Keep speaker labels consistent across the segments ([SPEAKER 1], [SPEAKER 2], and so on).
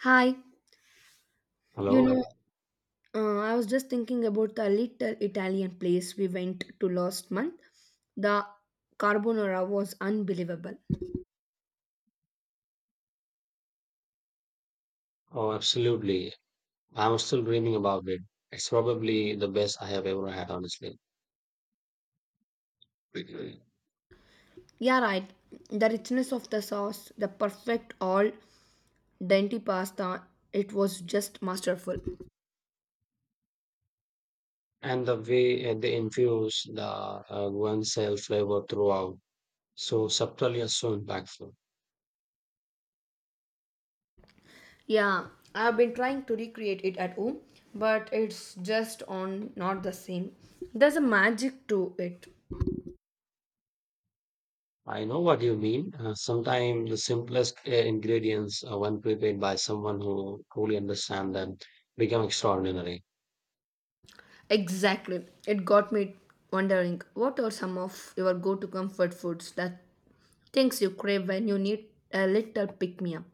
[SPEAKER 1] Hi, you know,
[SPEAKER 2] Hello.
[SPEAKER 1] I was just thinking about the little Italian place we went to last month. The carbonara was unbelievable.
[SPEAKER 2] Oh, absolutely. I'm still dreaming about it. It's probably the best I have ever had, honestly.
[SPEAKER 1] Yeah, right. The richness of the sauce, the perfect all dainty pasta, it was just masterful.
[SPEAKER 2] And the way they infuse the guanciale flavor throughout, so subtle yet so impactful.
[SPEAKER 1] Yeah, I've been trying to recreate it at home, but it's just on not the same. There's a magic to it.
[SPEAKER 2] I know what you mean. Sometimes the simplest ingredients, when prepared by someone who truly understands them, become extraordinary.
[SPEAKER 1] Exactly. It got me wondering what are some of your go to comfort foods that Things you crave when you need a little pick me up.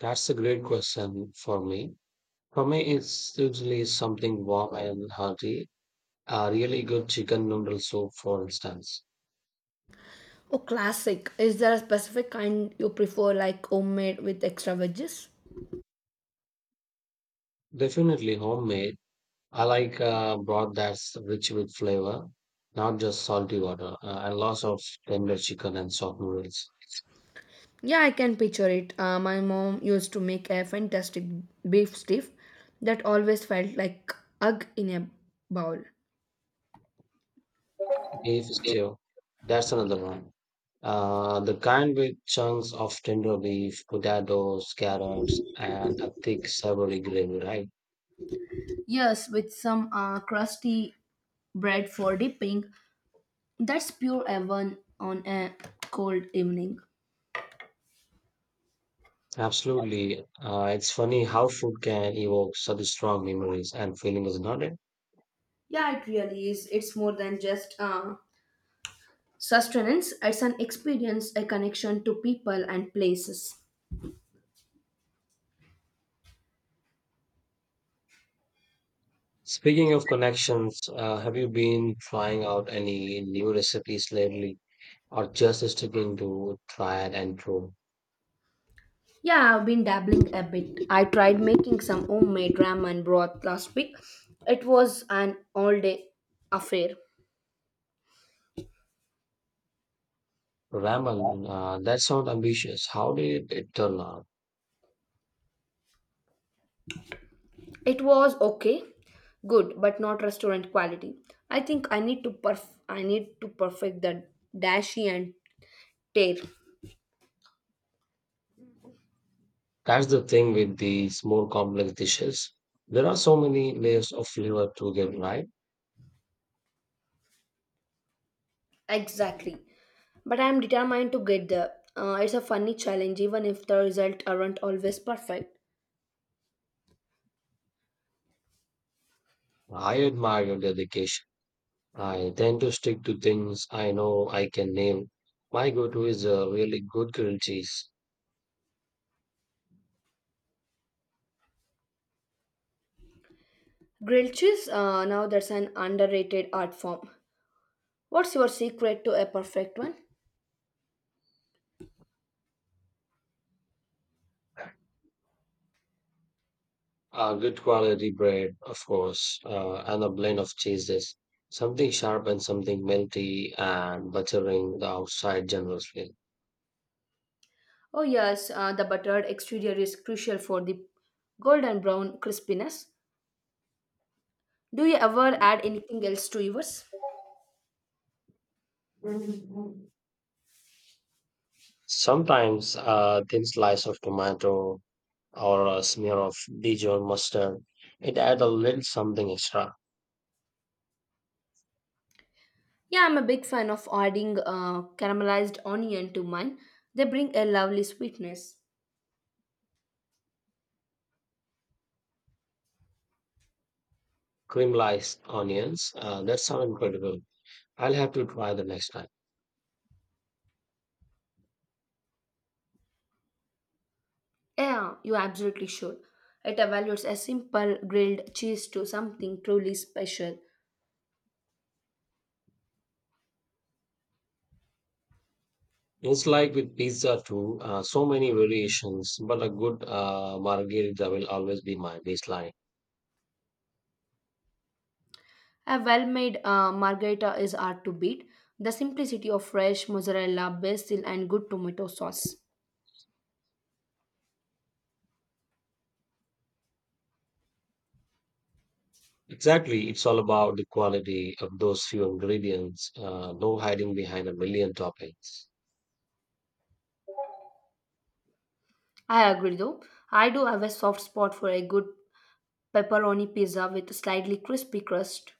[SPEAKER 2] That's a great question for me. For me, it's usually something warm and hearty, a really good chicken noodle soup, for instance.
[SPEAKER 1] Oh, classic. Is there a specific kind you prefer, like homemade with extra veggies?
[SPEAKER 2] Definitely homemade. I like broth that's rich with flavor, not just salty water, and lots of tender chicken and soft noodles.
[SPEAKER 1] Yeah, I can picture it. My mom used to make a fantastic beef stiff that always felt like egg in a bowl.
[SPEAKER 2] Beef stew, that's another one. The kind with chunks of tender beef, potatoes, carrots, and a thick savory gravy, right?
[SPEAKER 1] Yes, with some crusty bread for dipping. That's pure heaven on a cold evening.
[SPEAKER 2] Absolutely. It's funny how food can evoke such strong memories and feelings, not it?
[SPEAKER 1] Yeah, it really is. It's more than just sustenance, it's an experience, a connection to people and places.
[SPEAKER 2] Speaking of connections, have you been trying out any new recipes lately or just sticking to tried and true?
[SPEAKER 1] Yeah, I've been dabbling a bit. I tried making some homemade ramen broth last week. It was an all day affair.
[SPEAKER 2] Ramen, that sounds ambitious. How did it turn out?
[SPEAKER 1] It was okay, good, but not restaurant quality. I need to perfect the dashi and tear.
[SPEAKER 2] That's the thing with these more complex dishes. There are so many layers of flavor to get right.
[SPEAKER 1] Exactly. But I am determined to get there. It's a funny challenge, even if the result aren't always perfect.
[SPEAKER 2] I admire your dedication. I tend to stick to things I know I can name. My go-to is a really good grilled cheese,
[SPEAKER 1] Grilled cheese, now that's an underrated art form. What's your secret to a perfect one?
[SPEAKER 2] a good quality bread, of course, and a blend of cheeses. Something sharp and something melty and buttering the outside generously.
[SPEAKER 1] Oh, yes, the buttered exterior is crucial for the golden brown crispiness. Do you ever add anything else to yours?
[SPEAKER 2] Sometimes a thin slice of tomato or a smear of Dijon mustard. It adds a little something extra.
[SPEAKER 1] Yeah, I'm a big fan of adding caramelized onion to mine. They bring a lovely sweetness.
[SPEAKER 2] Caramelized onions. That sounds incredible. I'll have to try the next time.
[SPEAKER 1] Yeah, you absolutely should. It evaluates a simple grilled cheese to something truly special.
[SPEAKER 2] It's like with pizza too, so many variations, but a good margherita will always be my baseline.
[SPEAKER 1] A well made margherita is hard to beat. The simplicity of fresh mozzarella, basil, and good tomato sauce.
[SPEAKER 2] Exactly, it's all about the quality of those few ingredients, no hiding behind a million toppings.
[SPEAKER 1] I agree though. I do have a soft spot for a good pepperoni pizza with slightly crispy crust.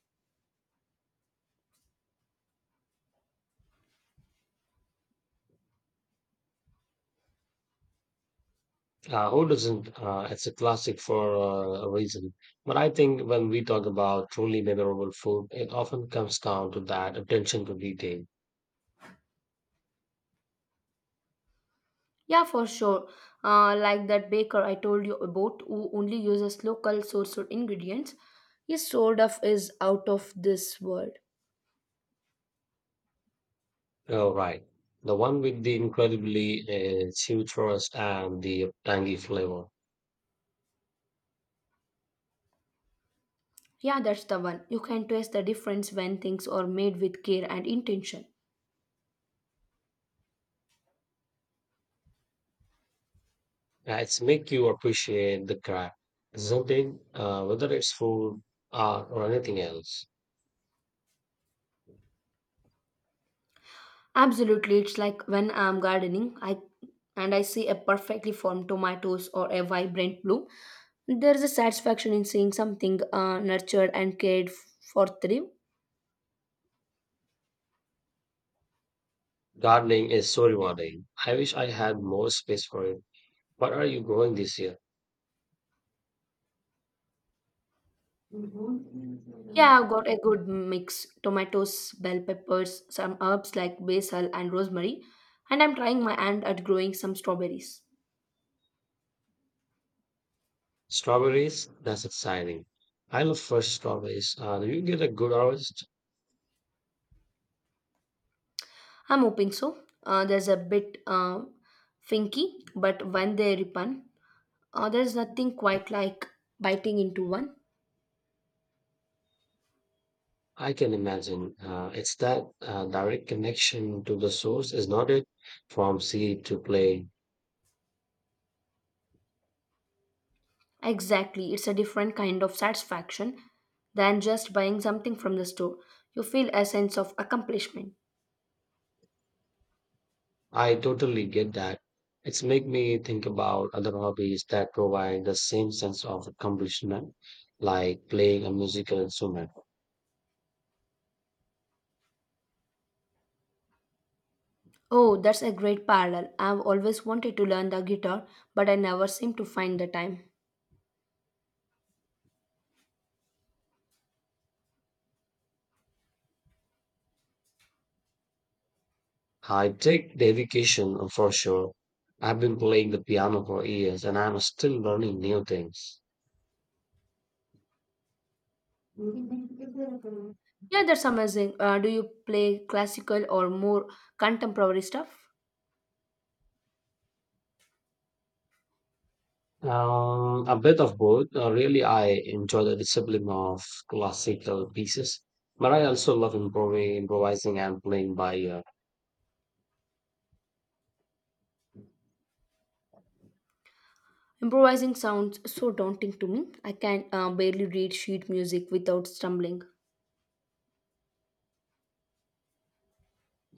[SPEAKER 2] Who doesn't? It's a classic for a reason. But I think when we talk about truly memorable food, it often comes down to that attention to detail.
[SPEAKER 1] Yeah, for sure. Like that baker I told you about who only uses local sourced ingredients. His sort of is out of this world.
[SPEAKER 2] Oh, right. The one with the incredibly huge and the tangy flavor.
[SPEAKER 1] Yeah, that's the one. You can taste the difference when things are made with care and intention.
[SPEAKER 2] It's make you appreciate the craft, isn't it? Whether it's food, art, or anything else.
[SPEAKER 1] Absolutely, it's like when I'm gardening, I see a perfectly formed tomatoes or a vibrant bloom. There is a satisfaction in seeing something nurtured and for thrive.
[SPEAKER 2] Gardening is so rewarding. I wish I had more space for it. What are you growing this year?
[SPEAKER 1] Yeah, I've got a good mix: tomatoes, bell peppers, some herbs like basil and rosemary, and I'm trying my hand at growing some strawberries.
[SPEAKER 2] Strawberries, that's exciting. I love fresh strawberries. Do you get a good harvest?
[SPEAKER 1] I'm hoping so. There's a bit finky, but when they ripen, there's nothing quite like biting into one.
[SPEAKER 2] I can imagine. It's that direct connection to the source, is not it? From seed to plate.
[SPEAKER 1] Exactly, it's a different kind of satisfaction than just buying something from the store. You feel a sense of accomplishment.
[SPEAKER 2] I totally get that. It's make me think about other hobbies that provide the same sense of accomplishment, like playing a musical instrument.
[SPEAKER 1] Oh, that's a great parallel. I've always wanted to learn the guitar, but I never seem to find the time.
[SPEAKER 2] I take dedication for sure. I've been playing the piano for years, and I'm still learning new things.
[SPEAKER 1] Yeah, that's amazing. Do you play classical or more contemporary stuff?
[SPEAKER 2] A bit of both. Really, I enjoy the discipline of classical pieces, but I also love improvising and playing by ear.
[SPEAKER 1] Improvising sounds so daunting to me. I can barely read sheet music without stumbling.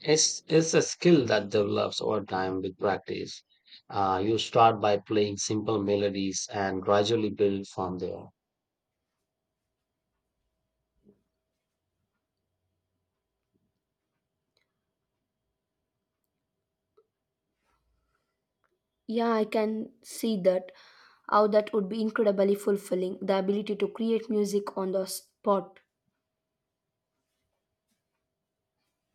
[SPEAKER 2] It's a skill that develops over time with practice. You start by playing simple melodies and gradually build from there.
[SPEAKER 1] Yeah, I can see that. How that would be incredibly fulfilling. The ability to create music on the spot.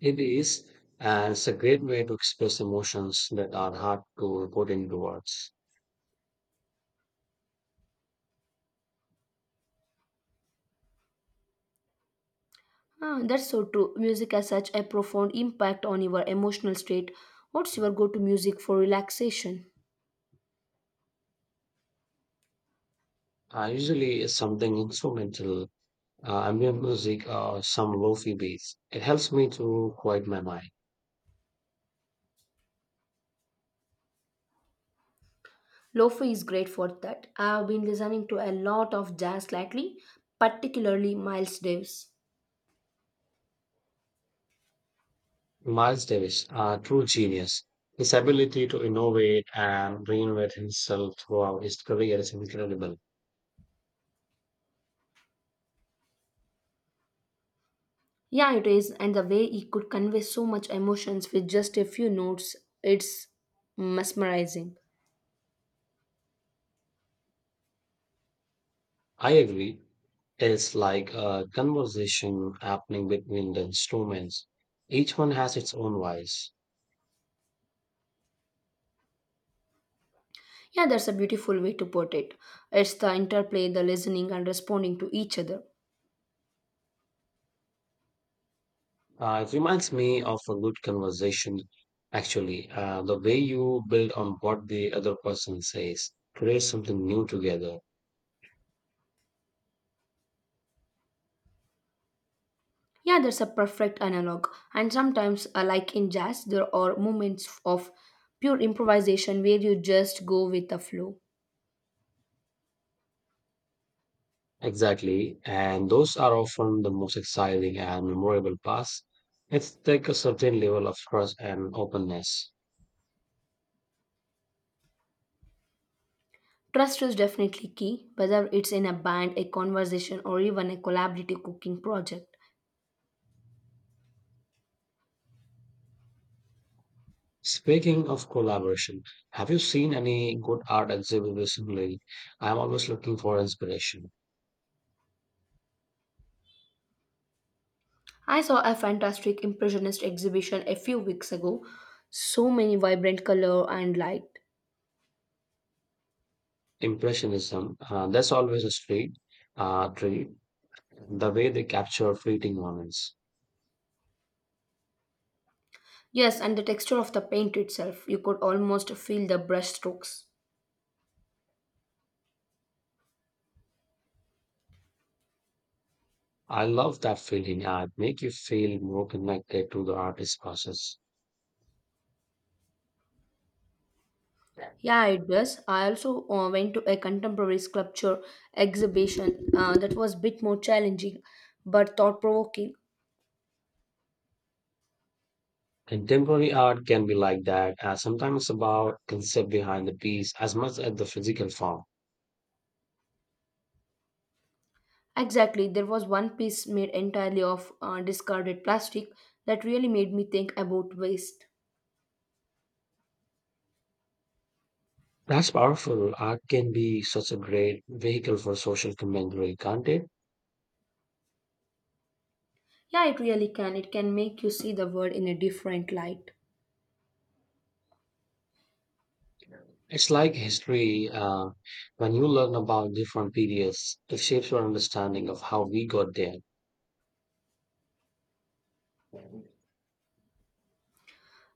[SPEAKER 2] It is, and it's a great way to express emotions that are hard to put into words.
[SPEAKER 1] Ah, that's so true. Music has such a profound impact on your emotional state. What's your go to music for relaxation?
[SPEAKER 2] Usually, it's something instrumental ambient music or some lofi beats. It helps me to quiet my mind.
[SPEAKER 1] Lofi is great for that. I've been listening to a lot of jazz lately, particularly Miles Davis.
[SPEAKER 2] Miles Davis, a true genius. His ability to innovate and reinvent himself throughout his career is incredible.
[SPEAKER 1] Yeah, it is, and the way he could convey so much emotions with just a few notes, it's mesmerizing.
[SPEAKER 2] I agree. It's like a conversation happening between the instruments. Each one has its own voice.
[SPEAKER 1] Yeah, that's a beautiful way to put it. It's the interplay, the listening, and responding to each other.
[SPEAKER 2] It reminds me of a good conversation, actually. The way you build on what the other person says, create something new together.
[SPEAKER 1] Yeah, that's a perfect analog. And sometimes, like in jazz, there are moments of pure improvisation where you just go with the flow.
[SPEAKER 2] Exactly, and those are often the most exciting and memorable parts. It's take a certain level of trust and openness.
[SPEAKER 1] Trust is definitely key, whether it's in a band, a conversation, or even a collaborative cooking project.
[SPEAKER 2] Speaking of collaboration, have you seen any good art exhibit recently? I'm always looking for inspiration.
[SPEAKER 1] I saw a fantastic impressionist exhibition a few weeks ago. So many vibrant color and light.
[SPEAKER 2] Impressionism, that's always a street treat. The way they capture fleeting moments.
[SPEAKER 1] Yes, and the texture of the paint itself, you could almost feel the brush strokes.
[SPEAKER 2] I love that feeling. It make you feel more connected to the artist process.
[SPEAKER 1] Yeah, it does. I also went to a contemporary sculpture exhibition that was a bit more challenging but thought provoking.
[SPEAKER 2] Contemporary art can be like that, as sometimes it's about concept behind the piece as much as the physical form.
[SPEAKER 1] Exactly, there was one piece made entirely of discarded plastic that really made me think about waste.
[SPEAKER 2] That's powerful. Art can be such a great vehicle for social commentary, can't it?
[SPEAKER 1] Yeah, it really can. It can make you see the world in a different light.
[SPEAKER 2] It's like history. When you learn about different periods, it shapes your understanding of how we got there.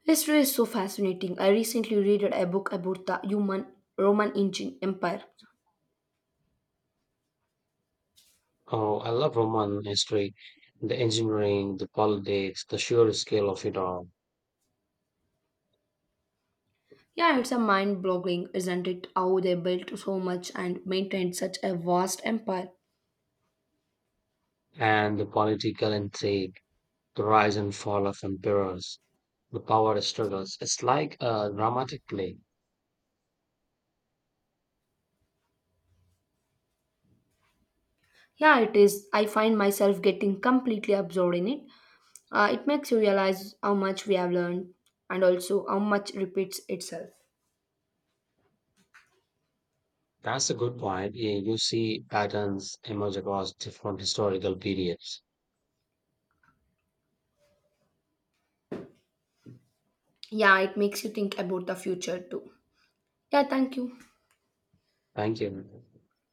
[SPEAKER 1] History is so fascinating. I recently read a book about the human Roman engine empire.
[SPEAKER 2] Oh, I love Roman history, the engineering, the politics, the sheer scale of it all,
[SPEAKER 1] Yeah, it's a mind boggling, isn't it? How they built so much and maintained such a vast empire.
[SPEAKER 2] and the political intrigue. The rise and fall of emperors, the power struggles. It's like a dramatic play.
[SPEAKER 1] Yeah, it is. I find myself getting completely absorbed in it. It makes you realize how much we have learned and also how much repeats itself.
[SPEAKER 2] That's a good point. Yeah, you see patterns emerge across different historical periods.
[SPEAKER 1] Yeah, it makes you think about the future too. Yeah, thank you.
[SPEAKER 2] Thank you.